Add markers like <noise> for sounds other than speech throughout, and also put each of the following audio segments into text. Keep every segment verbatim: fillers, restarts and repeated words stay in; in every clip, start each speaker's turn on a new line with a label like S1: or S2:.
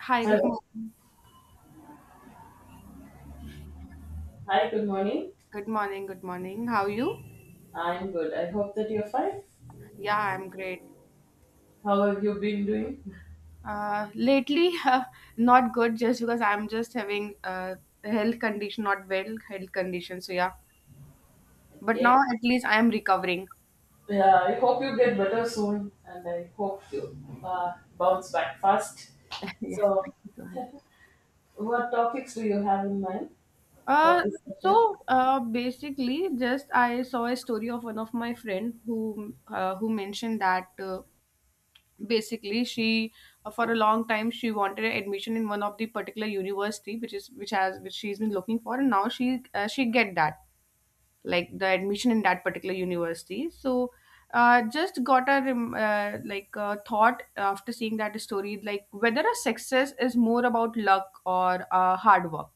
S1: Hi, good
S2: Hello.
S1: morning.
S2: Hi, good morning.
S1: Good morning, good morning. How are you?
S2: I'm good. I hope that you're fine.
S1: Yeah, I'm great.
S2: How have you been doing?
S1: Uh, lately, <laughs> uh, not good just because I'm just having uh, a health condition, not well health condition. So yeah, but now
S2: Okay.
S1: at least I am recovering. <laughs>
S2: Yeah, I hope you get better soon, and I hope you uh, bounce back fast.
S1: Yeah,
S2: So,
S1: thank you so much.
S2: what topics do you have in mind for
S1: Uh,
S2: this session?
S1: so uh, basically, just I saw a story of one of my friend who uh, who mentioned that uh, basically she, uh, for a long time she wanted admission in one of the particular university which is which has which she's been looking for, and now she, uh, she get that, like the admission in that particular university. So, uh, just got a rem- uh, like uh, thought after seeing that story, like, whether a success is more about luck or uh, hard work.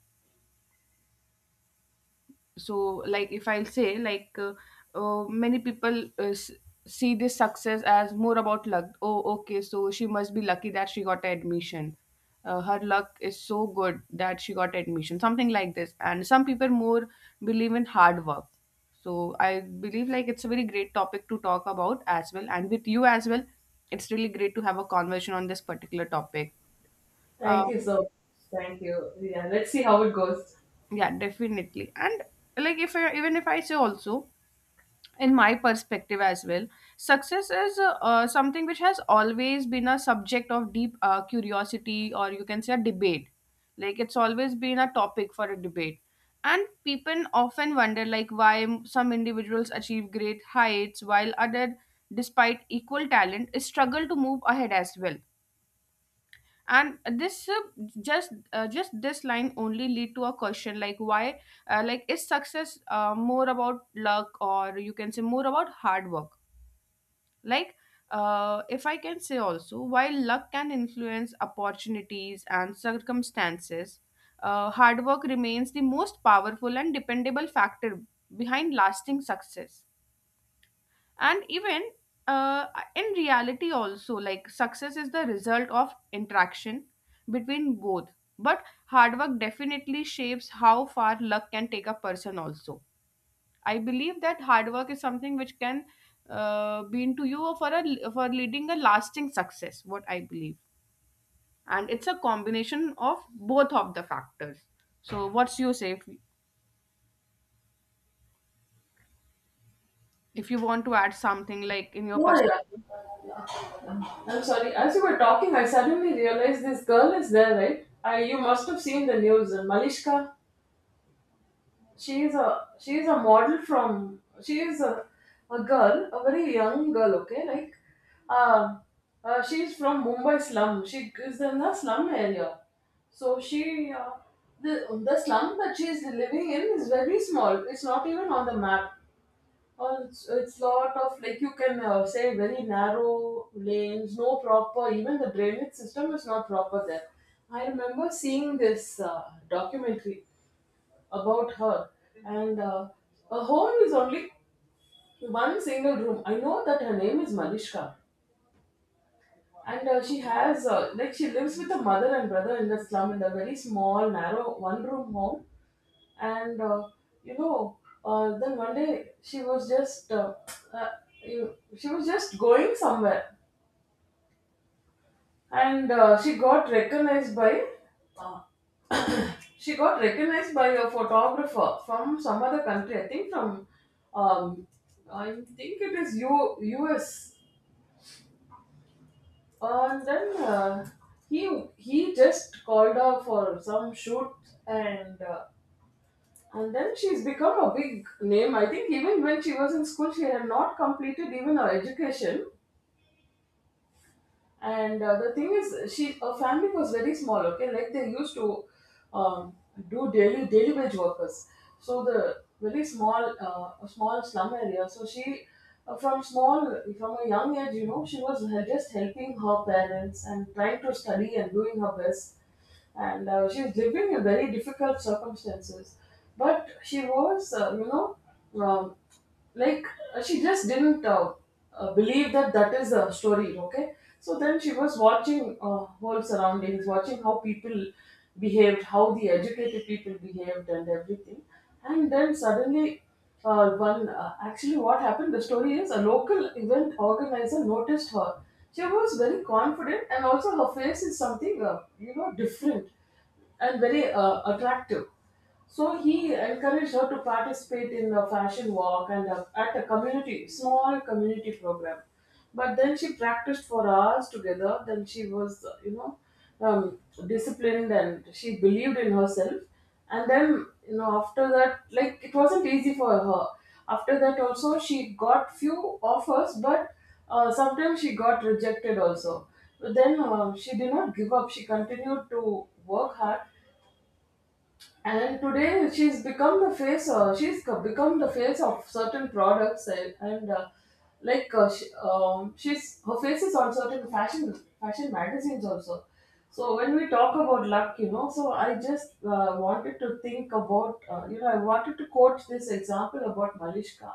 S1: So, like, if I'll say, like, uh, uh, many people, uh, s- see this success as more about luck. Oh, okay, so she must be lucky that she got admission. Uh, her luck is so good that she got admission, something like this. And some people more believe in hard work. So I believe, like, it's a very great topic to talk about as well, and with you as well it's really great to have a conversation on this particular topic. uh,
S2: Thank you so much. Thank you. Yeah, let's see how it goes.
S1: yeah, definitely. And, like, if I, even if I say also, in my perspective as well, success is uh, uh, something which has always been a subject of deep uh, curiosity, or you can say a debate. Like, it's always been a topic for a debate. And people often wonder, like, why m- some individuals achieve great heights while other, despite equal talent, struggle to move ahead as well. And this uh, just uh, just this line only lead to a question, like, why, uh, like, is success, uh, more about luck, or you can say more about hard work. Like, uh, if I can say also, while luck can influence opportunities and circumstances, uh, hard work remains the most powerful and dependable factor behind lasting success. And even, uh, in reality also, like, success is the result of interaction between both, but hard work definitely shapes how far luck can take a person also. I believe that hard work is something which can, uh, be into you for a for leading a lasting success, what I believe. And it's a combination of both of the factors. So what's you say, if, if you want to add something, like, in your
S2: Yeah,
S1: perspective.
S2: yeah. I'm sorry. As you were talking, I suddenly realized this girl is there, right? I, you must have seen the news. Malishka. she is a she is a model from she is a, a girl, a very young girl, okay, like uh, uh she is from Mumbai slum. She is in the slum area. So she uh, the the slum that she is living in is very small. It's not even on the map, or it's, it's lot of, like, you can, uh, say, very narrow lanes, no proper, even the drainage system is not proper there. I remember seeing this uh, documentary about her. And uh, her home is only one single room. I know that her name is Malishka. And uh, she has, uh, like, she lives with a mother and brother in the slum in a very small, narrow one room home. And, uh, you know, uh, then one day she was just, uh, uh, you, she was just going somewhere. And uh, she got recognized by uh, she got recognized by a photographer from some other country. I think from, um I think it is U- us. And then, uh, he he just called her for some shoot. And uh, and then she's become a big name. I think even when she was in school, she had not completed even her education. And uh, the thing is, she her family was very small. Okay, like they used to, um, do daily daily wage workers. So the very small, uh, small slum area. So she, uh, from small from a young age, you know, she was he- just helping her parents and trying to study and doing her best. And uh, she was living in very difficult circumstances, but she was uh, you know. Um, like, uh, she just didn't, uh, uh, believe that that is a story, okay. So then she was watching, uh, whole surroundings, watching how people behaved, how the educated people behaved, and everything. And then suddenly, uh, one, uh, actually what happened, the story is a local event organizer noticed her. She was very confident, and also her face is something, uh, you know, different and very, uh, attractive. So he encouraged her to participate in a fashion walk and, a, at a community, small community program. But then she practiced for hours together. Then she was, uh, you know, um, disciplined, and she believed in herself. And then, you know, after that, like, it wasn't easy for her. After that also she got few offers, but uh, sometimes she got rejected also. But then, uh, she did not give up. She continued to work hard. And today she's become the face. Uh, she's co- become the face of certain products, and, and uh, like uh, she, um, she's her face is on certain fashion fashion magazines also. So when we talk about luck, you know, so I just, uh, wanted to think about, uh, you know, I wanted to quote this example about Malishka.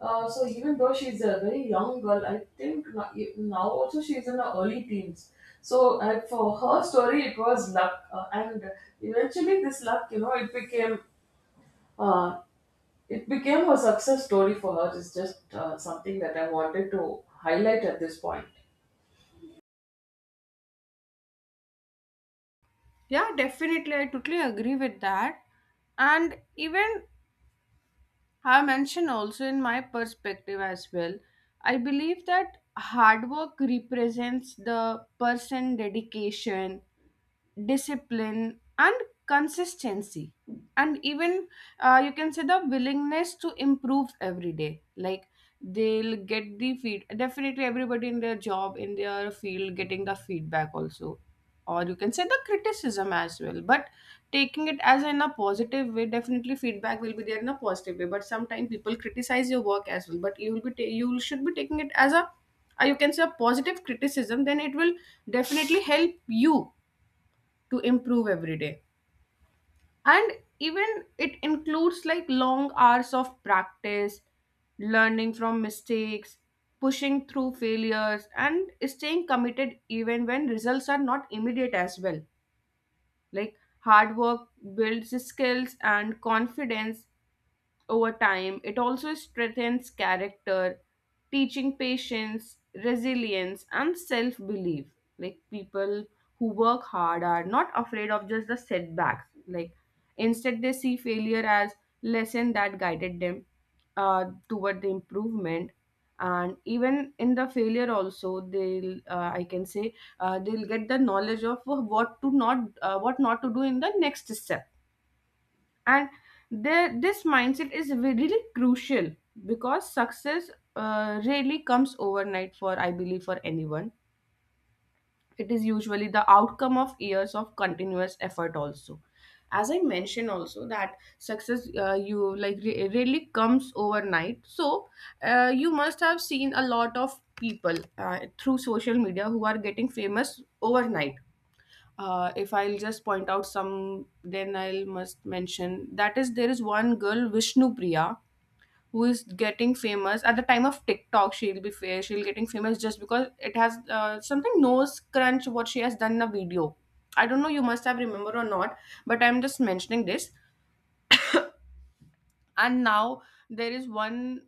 S2: Uh, so even though she's a very young girl, I think no- e- now also she's in her early teens. So, uh, for her story, it was luck, uh, and eventually this luck, you know, it became, uh, it became her success story for her. It's just, uh, something that I wanted to highlight at this point.
S1: Yeah, definitely. I totally agree with that. And even I mentioned also in my perspective as well, I believe that hard work represents the person dedication, discipline and consistency, and even, uh, you can say, the willingness to improve every day. Like, they'll get the feed, definitely everybody in their job, in their field, getting the feedback also, or you can say the criticism as well, but taking it as in a positive way, definitely feedback will be there in a positive way, but sometimes people criticize your work as well, but you will be ta- you should be taking it as a, uh, you can say, a positive criticism, then it will definitely help you to improve every day. And even it includes, like, long hours of practice, learning from mistakes, pushing through failures, and staying committed even when results are not immediate as well. Like, hard work builds skills and confidence. Over time, it also strengthens character, teaching patience, resilience, and self belief. Like, people who work hard are not afraid of just the setbacks. Like, instead, they see failure as lesson that guided them uh, toward the improvement. And even in the failure, also they'll, uh, I can say, uh, they'll get the knowledge of what to not uh, what not to do in the next step. And there, this mindset is ve- really crucial because success uh, really comes overnight, for I believe, for anyone, it is usually the outcome of years of continuous effort also. As I mentioned also that success, uh, you like re- really comes overnight. So, uh, you must have seen a lot of people uh, through social media who are getting famous overnight. Uh, if I'll just point out some, then I'll must mention that is, there is one girl, Vishnu Priya, who is getting famous at the time of TikTok. She'll be fa- she'll getting famous just because it has, uh, something, nose crunch, what she has done in a video. I don't know, you must have remember or not, but I'm just mentioning this. And now there is one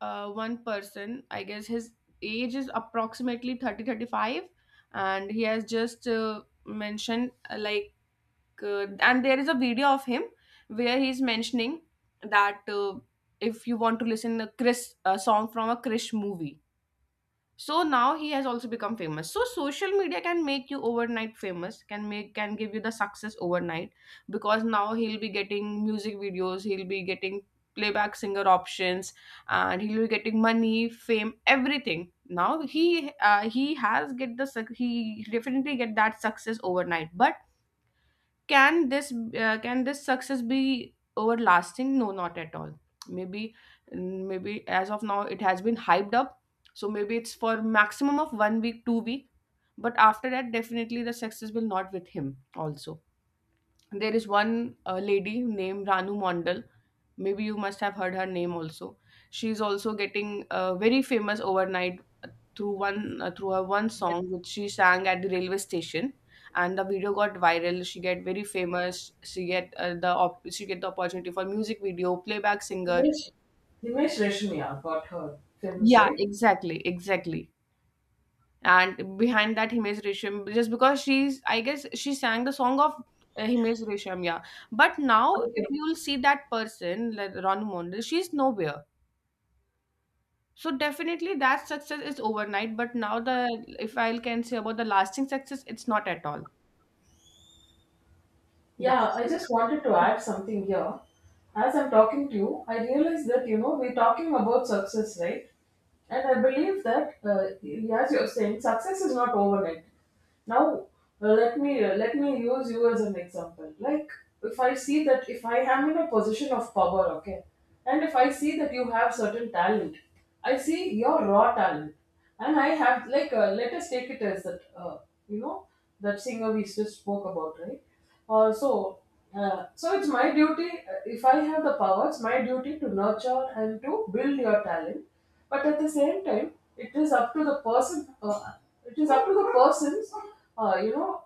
S1: uh, one person, I guess his age is approximately thirty thirty-five, and he has just uh, mentioned, uh, like uh, and there is a video of him where he's mentioning that, uh, if you want to listen a Chris a song from a Krish movie. So now he has also become famous. So social media can make you overnight famous, can make can give you the success overnight because now he'll be getting music videos, he'll be getting playback singer options, and he'll be getting money, fame, everything. Now he uh, he has get the suc- he definitely get that success overnight, but can this uh, can this success be everlasting? No, not at all. Maybe, mm, maybe as of now it has been hyped up, so maybe it's for maximum of one week two week, but after that definitely the success will not with him also. There is one uh, lady named Ranu Mondal. Maybe you must have heard her name also. She's also getting uh, very famous overnight through one uh, through her one song which she sang at the railway station, and the video got viral. She get very famous, she get uh, the op- she get the opportunity for music video playback singer.
S2: Himesh, Himesh Reshmiya got her films,
S1: Yeah,
S2: right?
S1: exactly, exactly. And behind that Himesh Resham, just because she's, I guess she sang the song of uh, Himesh Resham, yeah. But now if you'll see that person, like Ranu Mondal, she's nowhere. So definitely that success is overnight, but now the if I can say about the lasting success, it's not at all. Yeah.
S2: Yeah, I just wanted to add something here. As I'm talking to you, I realize that, you know, we're talking about success, right? And I believe that, uh, as you're saying, success is not overnight. Now, uh, let me uh, let me use you as an example. Like, if I see that if I am in a position of power, okay, and if I see that you have certain talent, I see your raw talent. And I have, like, uh, let us take it as that, uh, you know, that singer we just spoke about, right? Uh, so uh, so it's my duty, uh, if I have the power, it's my duty to nurture and to build your talent. But at the same time, it is up to the person. Uh, it is up to the persons. Uh, you know,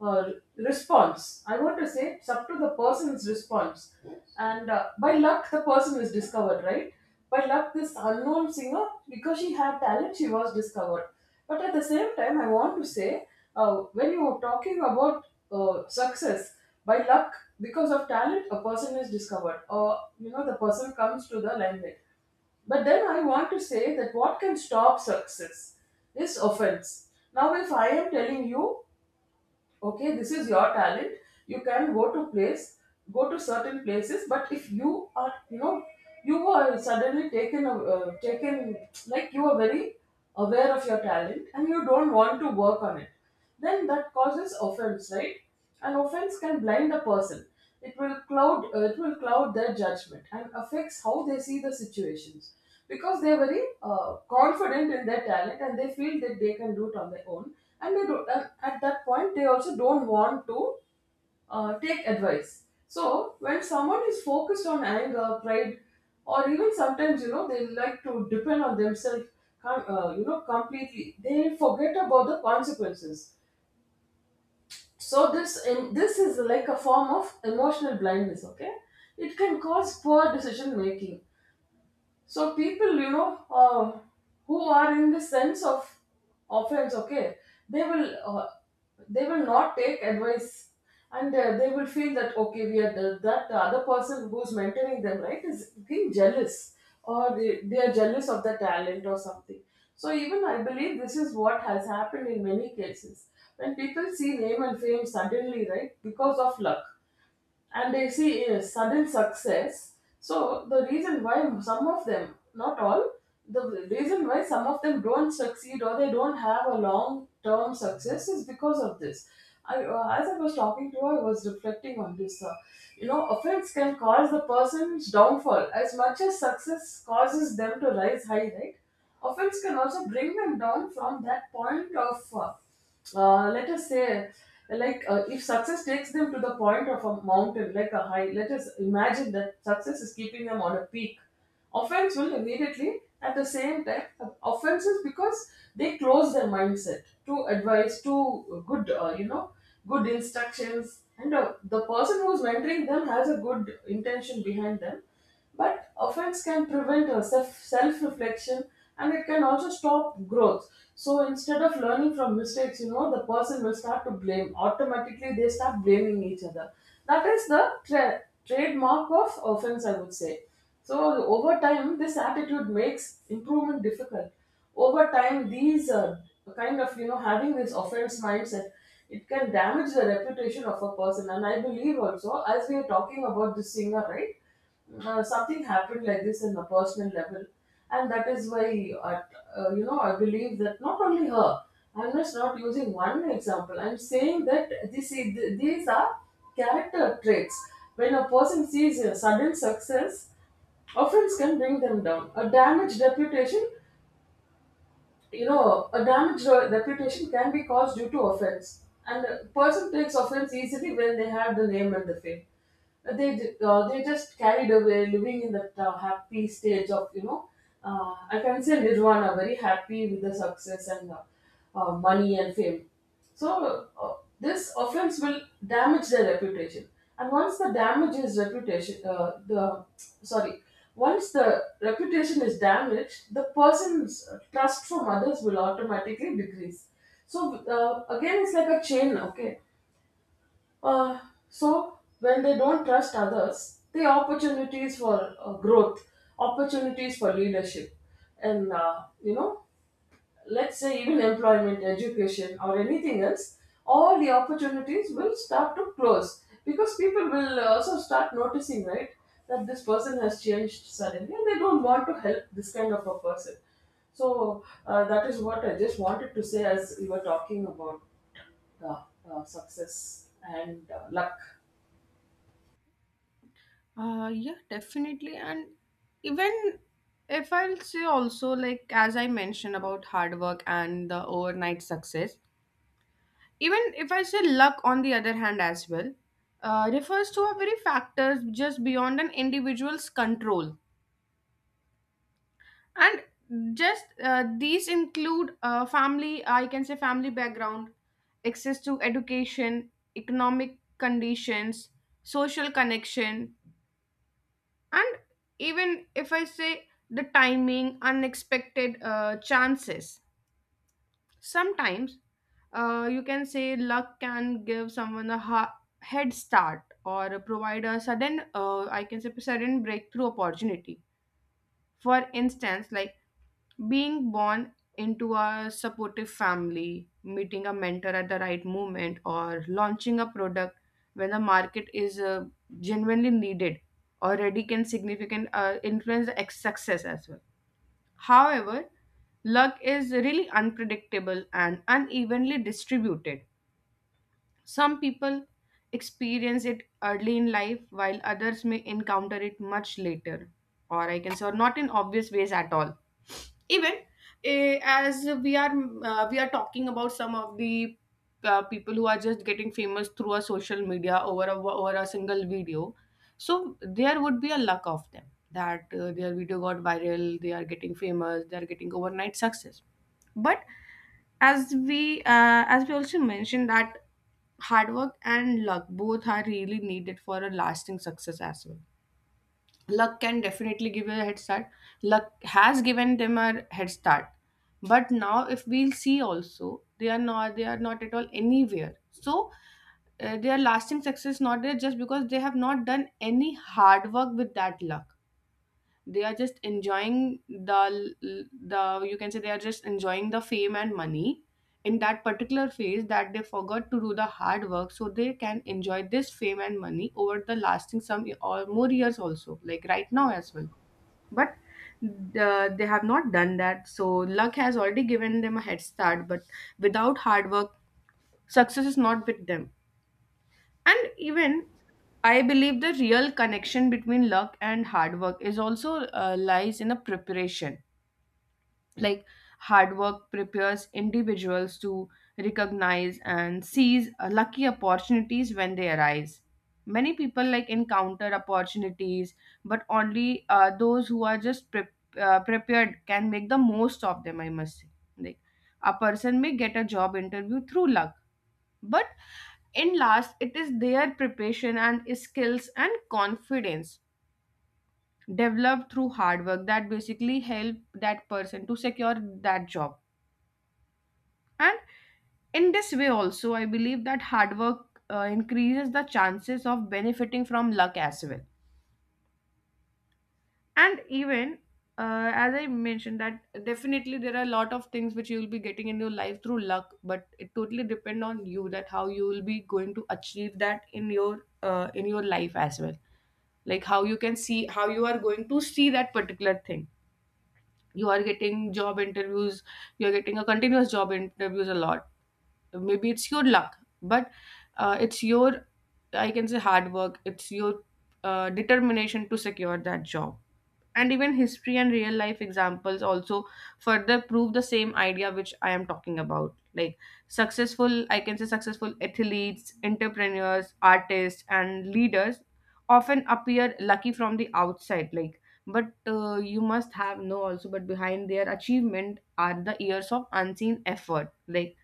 S2: uh, response. I want to say it's up to the person's response. And uh, by luck, the person is discovered, right? By luck, this unknown singer, because she had talent, she was discovered. But at the same time, I want to say, uh, when you are talking about, uh, success, by luck, because of talent, a person is discovered, or, you know, the person comes to the limelight. But then I want to say that what can stop success is offense. Now, if I am telling you, okay, this is your talent, you can go to place, go to certain places, but if you are, you know, you were suddenly taken, uh, taken, like, you are very aware of your talent and you don't want to work on it, then that causes offense, right? And offense can blind a person. It will cloud uh, it will cloud their judgment and affects how they see the situations. Because they're very, uh, confident in their talent and they feel that they can do it on their own. And they don't. And at that point they also don't want to, uh, take advice. So when someone is focused on anger, pride, or even sometimes, you know, they like to depend on themselves com- uh, you know completely, they forget about the consequences. So this in, this is like a form of emotional blindness. Okay, it can cause poor decision making. So people, you know, uh, who are in the sense of offense, okay, they will uh, they will not take advice, and uh, they will feel that, okay, we are the, that the other person who's mentoring them, right, is being jealous, or they, they are jealous of the talent or something. So even I believe this is what has happened in many cases, when people see name and fame suddenly, right, because of luck and they see a sudden success. So the reason why some of them, not all, the reason why some of them don't succeed or they don't have a long term success is because of this. I, uh, as I was talking to her, I was reflecting on this. Uh, you know, offense can cause the person's downfall as much as success causes them to rise high, right? Offense can also bring them down from that point of, uh, uh, let us say, like uh, if success takes them to the point of a mountain, like a high. Let us imagine that success is keeping them on a peak. Offense will immediately at the same time offenses, because they close their mindset to advice, to good, uh, you know, good instructions, and uh, the person who's mentoring them has a good intention behind them. But offense can prevent, uh, self reflection, and it can also stop growth. So instead of learning from mistakes, you know, the person will start to blame. Automatically, they start blaming each other. That is the tra- trademark of offense, I would say. So over time, this attitude makes improvement difficult. Over time, these, uh, kind of, you know, having this offense mindset, it can damage the reputation of a person. And I believe also, as we are talking about this singer, right? Now, something happened like this in a personal level, and that is why, I, uh, you know, I believe that not only her. I'm just not using one example. I'm saying that this is, th- these are character traits. When a person sees a sudden success, offense can bring them down. A damaged reputation, you know, a damaged re- reputation can be caused due to offense. And a person takes offense easily when they have the name and the fame. Uh, they ju- uh, they just carried away living in that uh, happy stage of you know uh, i can say nirvana, very happy with the success and uh, uh, money and fame. So uh, this offense will damage their reputation. And once the damage is reputation uh, the sorry once the reputation is damaged, the person's trust from others will automatically decrease. So uh, again, it's like a chain. Okay. uh, so when they don't trust others, the opportunities for uh, growth, opportunities for leadership, and uh, you know, let's say even employment, education, or anything else, all the opportunities will start to close, because people will also start noticing, right, that this person has changed suddenly, and they don't want to help this kind of a person. So uh, that is what I just wanted to say as we were talking about uh, uh, success and uh, luck.
S1: Uh, yeah, definitely. And even if I'll say also, like, as I mentioned about hard work and the overnight success, even if I say luck on the other hand as well, uh, refers to a very factors just beyond an individual's control. And just uh, these include, uh, family, I can say family background, access to education, economic conditions, social connection, and even if I say the timing, unexpected uh, chances sometimes, uh, you can say luck can give someone a ha- head start, or provide a sudden, uh, I can say sudden breakthrough opportunity, for instance, like, being born into a supportive family, meeting a mentor at the right moment, or launching a product when the market is uh, genuinely needed, already can significant uh, influence the ex- success as well. However, luck is really unpredictable and unevenly distributed. Some people experience it early in life, while others may encounter it much later, or I can say, or not in obvious ways at all. Even, eh, as we are uh, we are talking about some of the uh, people who are just getting famous through a social media over a, over a single video, so there would be a luck of them that, uh, their video got viral, they are getting famous, they are getting overnight success. But as we uh, as we also mentioned that hard work and luck both are really needed for a lasting success as well. Luck can definitely give you a head start, luck has given them a head start, but now if we'll see also, they are not they are not at all anywhere. So, uh, their lasting success not there just because they have not done any hard work with that luck. They are just enjoying the the you can say they are just enjoying the fame and money in that particular phase, that they forgot to do the hard work so they can enjoy this fame and money over the lasting some or more years also, like, right now as well. But, uh, they have not done that. So luck has already given them a head start, but without hard work success is not with them. And even I believe the real connection between luck and hard work is also, uh, lies in a preparation. Like, hard work prepares individuals to recognize and seize uh, lucky opportunities when they arise. Many people, like, encounter opportunities, but only uh, those who are just pre- uh, prepared can make the most of them. I must say, like, a person may get a job interview through luck, but in last, it is their preparation and skills and confidence developed through hard work that basically help that person to secure that job. And in this way also, I believe that hard work uh, increases the chances of benefiting from luck as well. And even uh, as I mentioned, that definitely there are a lot of things which you will be getting in your life through luck, but it totally depend on you that how you will be going to achieve that in your uh, in your life as well, like how you can see, how you are going to see that particular thing. You are getting job interviews, you are getting a continuous job interviews a lot. Maybe it's your luck, but uh, it's your, I can say, hard work. It's your uh, determination to secure that job. And even history and real life examples also further prove the same idea which I am talking about, like successful I can say successful athletes, entrepreneurs, artists and leaders often appear lucky from the outside, like, but uh, you must have know also, but behind their achievement are the years of unseen effort, like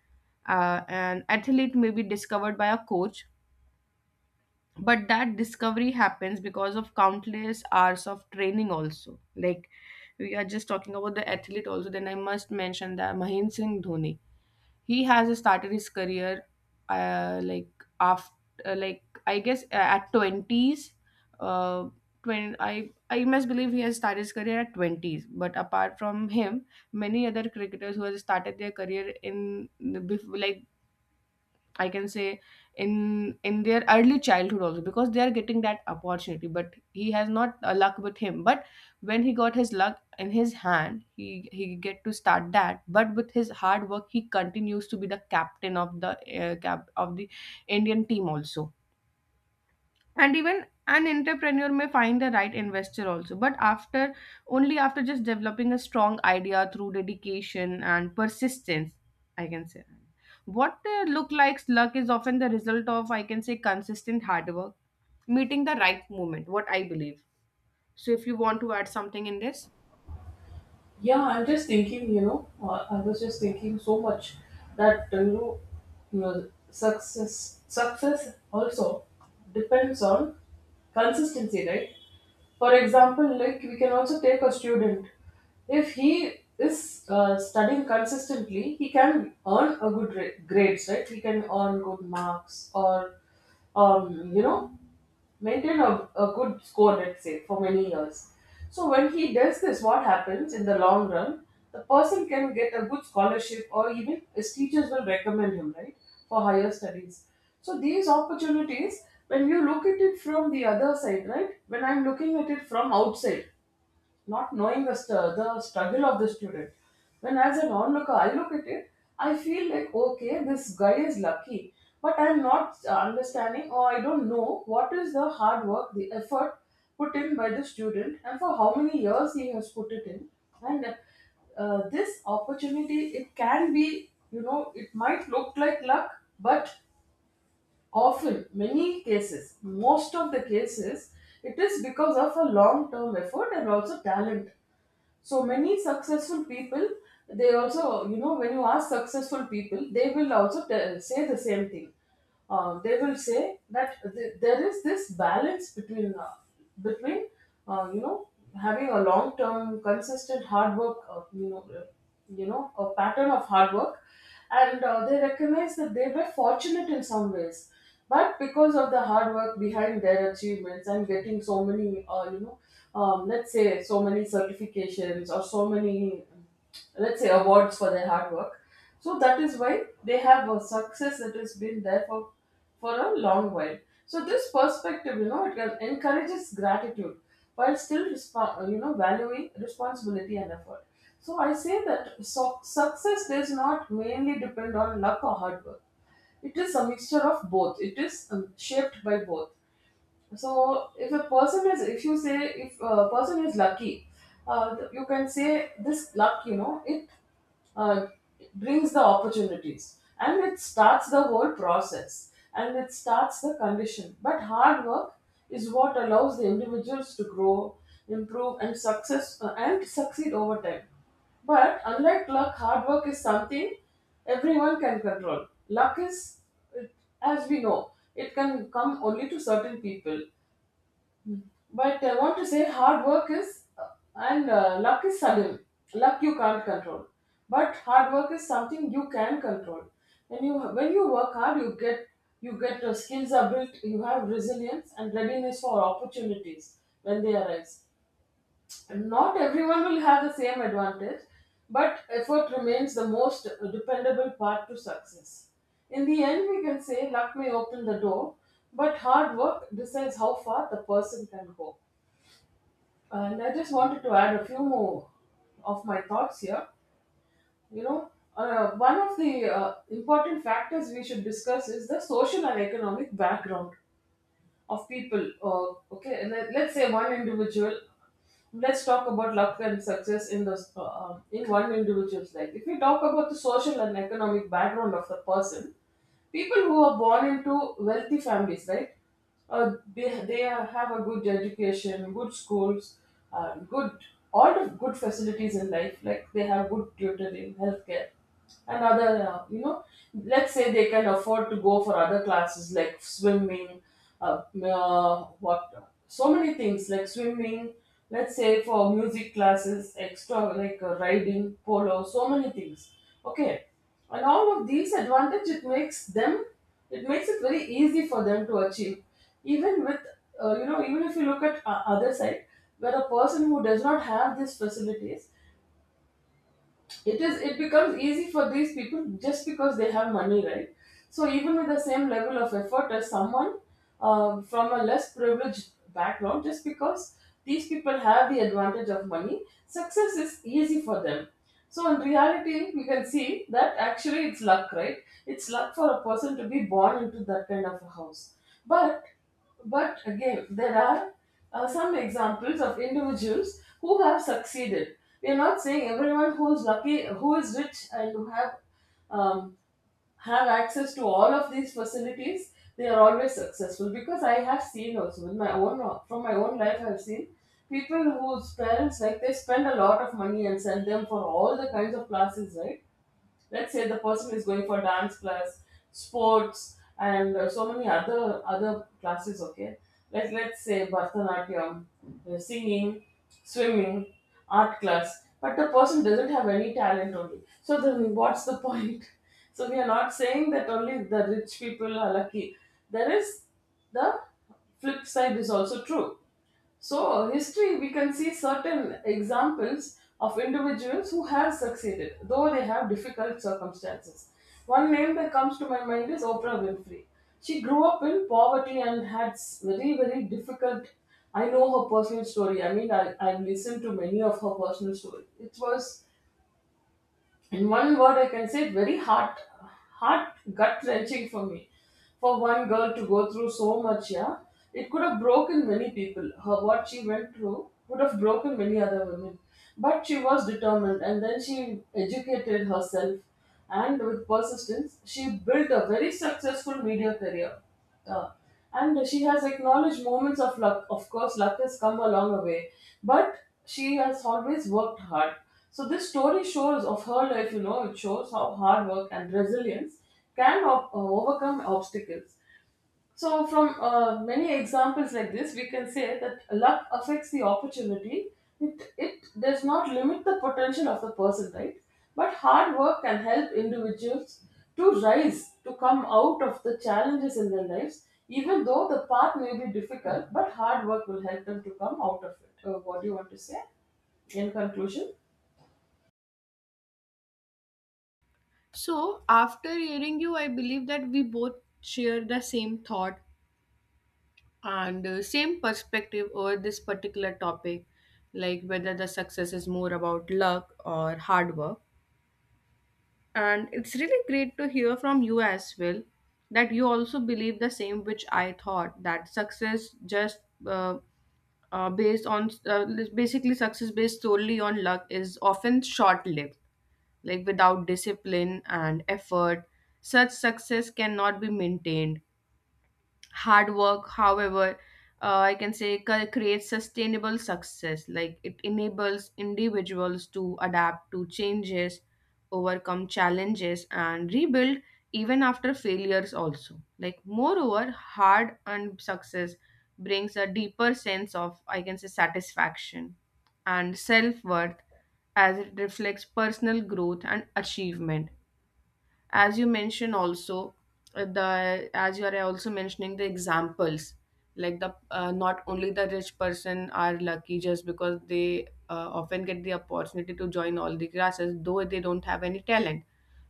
S1: uh, an athlete may be discovered by a coach, but that discovery happens because of countless hours of training also. Like, we are just talking about the athlete also, then I must mention that Mahin Singh Dhoni, he has started his career, uh, like after, uh, like I guess, uh, at twenties, uh, twenty, I, I must believe he has started his career at twenties. But apart from him, many other cricketers who have started their career in bef- like I can say, in in their early childhood also, because they are getting that opportunity, but he has not uh, luck with him. But when he got his luck in his hand, he he get to start that, but with his hard work he continues to be the captain of the uh, cap of the Indian team also. And even an entrepreneur may find the right investor also, but after, only after just developing a strong idea through dedication and persistence, I can say, what uh, look like luck is often the result of, I can say, consistent hard work meeting the right moment, what I believe. So if you want to add something in this.
S2: Yeah, I'm just thinking, you know, uh, I was just thinking so much that uh, you know, your success success also depends on consistency, right? For example, like, we can also take a student. If he is uh, studying consistently, he can earn a good ra- grades, right? He can earn good marks or um, you know maintain a, a good score, let's say, for many years. So when he does this, what happens in the long run? The person can get a good scholarship, or even his teachers will recommend him, right, for higher studies. So these opportunities, when you look at it from the other side, right? When I'm looking at it from outside, not knowing the, st- the struggle of the student. When as an onlooker, I look at it, I feel like, okay, this guy is lucky, but I'm not uh, understanding, or I don't know what is the hard work, the effort put in by the student and for how many years he has put it in. And uh, this opportunity, it can be, you know, it might look like luck, but often, many cases, most of the cases, it is because of a long term effort and also talent. So many successful people, they also, you know, when you ask successful people, they will also tell, say the same thing. Uh, they will say that th- there is this balance between uh, between uh, you know having a long term consistent hard work uh, you know uh, you know a pattern of hard work, and uh, they recognize that they were fortunate in some ways, but because of the hard work behind their achievements and getting so many uh, you know um, let's say so many certifications, or so many, let's say, awards for their hard work. So that is why they have a success that has been there for for a long while. So this perspective, you know, it can- encourages gratitude, while still respo- you know, valuing responsibility and effort. So I say that so- success does not mainly depend on luck or hard work. It is a mixture of both. It is um, shaped by both. So if a person is if you say if a person is lucky, uh, you can say this luck, you know, it uh, brings the opportunities, and it starts the whole process, and it starts the condition. But hard work is what allows the individuals to grow, improve, and success uh, and succeed over time. But unlike luck, hard work is something everyone can control. Luck is, it- as we know, it can come only to certain people. But I want to say hard work is, uh, and uh, luck is sudden. Luck you can't control. But hard work is something you can control. When you when you work hard, you get, you get your skills are built. You have resilience and readiness for opportunities when they arise. Not everyone will have the same advantage, but effort remains the most dependable part to success. In the end, we can say luck may open the door, but hard work decides how far the person can go. And I just wanted to add a few more of my thoughts here. You know, uh, one of the uh, important factors we should discuss is the social and economic background of people. Uh, okay, let, let's say one individual. Let's talk about luck and success in the uh, uh, in one individual's life. If we talk about the social and economic background of the person, people who are born into wealthy families, right? Uh, they they are- have a good education, good schools, uh, good, all the good facilities in life. Like they have good tutoring, healthcare, and other uh, you know let's say they can afford to go for other classes like swimming, uh, uh, what, so many things like swimming, let's say, for music classes, extra, like uh, riding, polo, so many things. Okay. And all of these advantage, it makes them, it makes it very easy for them to achieve. Even with uh, you know even if you look at uh, other side, where a person who does not have these facilities, it is, it becomes easy for these people just because they have money, right? So even with the same level of effort as someone uh, from a less privileged background, just because these people have the advantage of money, success is easy for them. So in reality, we can see that actually it's luck, right? It's luck for a person to be born into that kind of a house. but but again, there are uh, some examples of individuals who have succeeded. We are not saying everyone who is lucky, who is rich, and who have um, have access to all of these facilities, they are always successful. Because I have seen also with my own, from my own life, I have seen people whose parents, like, they spend a lot of money and send them for all the kinds of classes, right? Let's say the person is going for dance class, sports, and uh, so many other other classes. Okay. Like, let's say bharatanatyam, uh, singing, swimming, art class, but the person doesn't have any talent only, so then what's the point? <laughs> So we are not saying that only the rich people are lucky. There is the, flip side is also true. So, history, we can see certain examples of individuals who have succeeded, though they have difficult circumstances. One name that comes to my mind is Oprah Winfrey. She grew up in poverty and had s- very, very difficult. I know her personal story. I mean, I, I've listened to many of her personal stories. It was, in one word, I can say very heart heart gut wrenching for me. For one girl to go through so much, yeah, it could have broken many people. Her, what she went through would have broken many other women. But she was determined, and then she educated herself, and with persistence, she built a very successful media career. Uh, and she has acknowledged moments of luck. Of course, luck has come a long way, but she has always worked hard. So this story shows of her life. You know, it shows how hard work and resilience can o- uh, overcome obstacles. So, from uh, many examples like this, we can say that luck affects the opportunity. It, it does not limit the potential of the person, right? But hard work can help individuals to rise, to come out of the challenges in their lives, even though the path may be difficult, but hard work will help them to come out of it. Uh, what do you want to say in conclusion?
S1: So, after hearing you, I believe that we both share the same thought and uh, same perspective over this particular topic, like whether the success is more about luck or hard work. And it's really great to hear from you as well, that you also believe the same, which I thought, that success just uh, uh, based on uh, basically success based solely on luck is often short lived, like without discipline and effort such success cannot be maintained. Hard work, however, uh, I can say cre- creates sustainable success. Like, it enables individuals to adapt to changes, overcome challenges, and rebuild even after failures, also. Like, moreover, hard and success brings a deeper sense of, I can say, satisfaction and self worth, as it reflects personal growth and achievement. As you mentioned also, uh, the as you are also mentioning the examples, like the, uh, not only the rich person are lucky just because they uh, often get the opportunity to join all the classes, though they don't have any talent,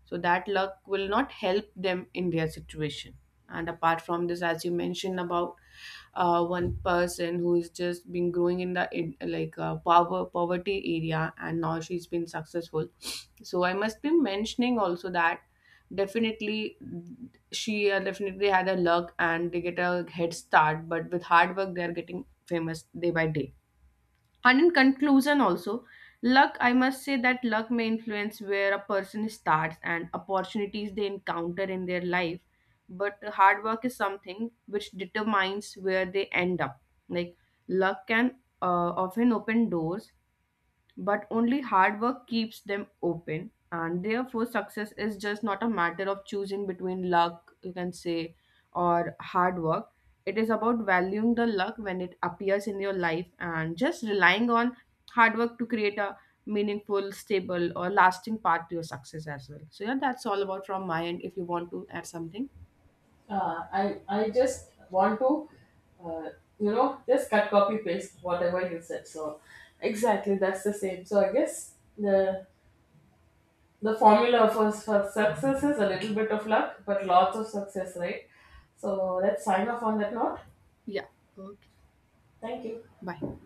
S1: so that luck will not help them in their situation. And apart from this, as you mentioned about uh, one person who is just been growing in the in, like uh, power poverty area, and now she's been successful. So I must be mentioning also that, definitely, she uh, definitely had a luck and they get a head start, but with hard work they are getting famous day by day. And in conclusion also, luck I must say that luck may influence where a person starts and opportunities they encounter in their life, but hard work is something which determines where they end up. Like, luck can uh, often open doors, but only hard work keeps them open. And therefore success is just not a matter of choosing between luck, you can say, or hard work. It is about valuing the luck when it appears in your life, and just relying on hard work to create a meaningful, stable or lasting path to your success as well. So yeah, that's all about from my end. If you want to add something.
S2: Uh, I I just want to, uh, you know, just cut, copy, paste whatever you said. So exactly, that's the same. So I guess the the formula for for success is a little bit of luck, but lots of success, right? So let's sign off on that note.
S1: Yeah. Okay.
S2: Thank you.
S1: Bye.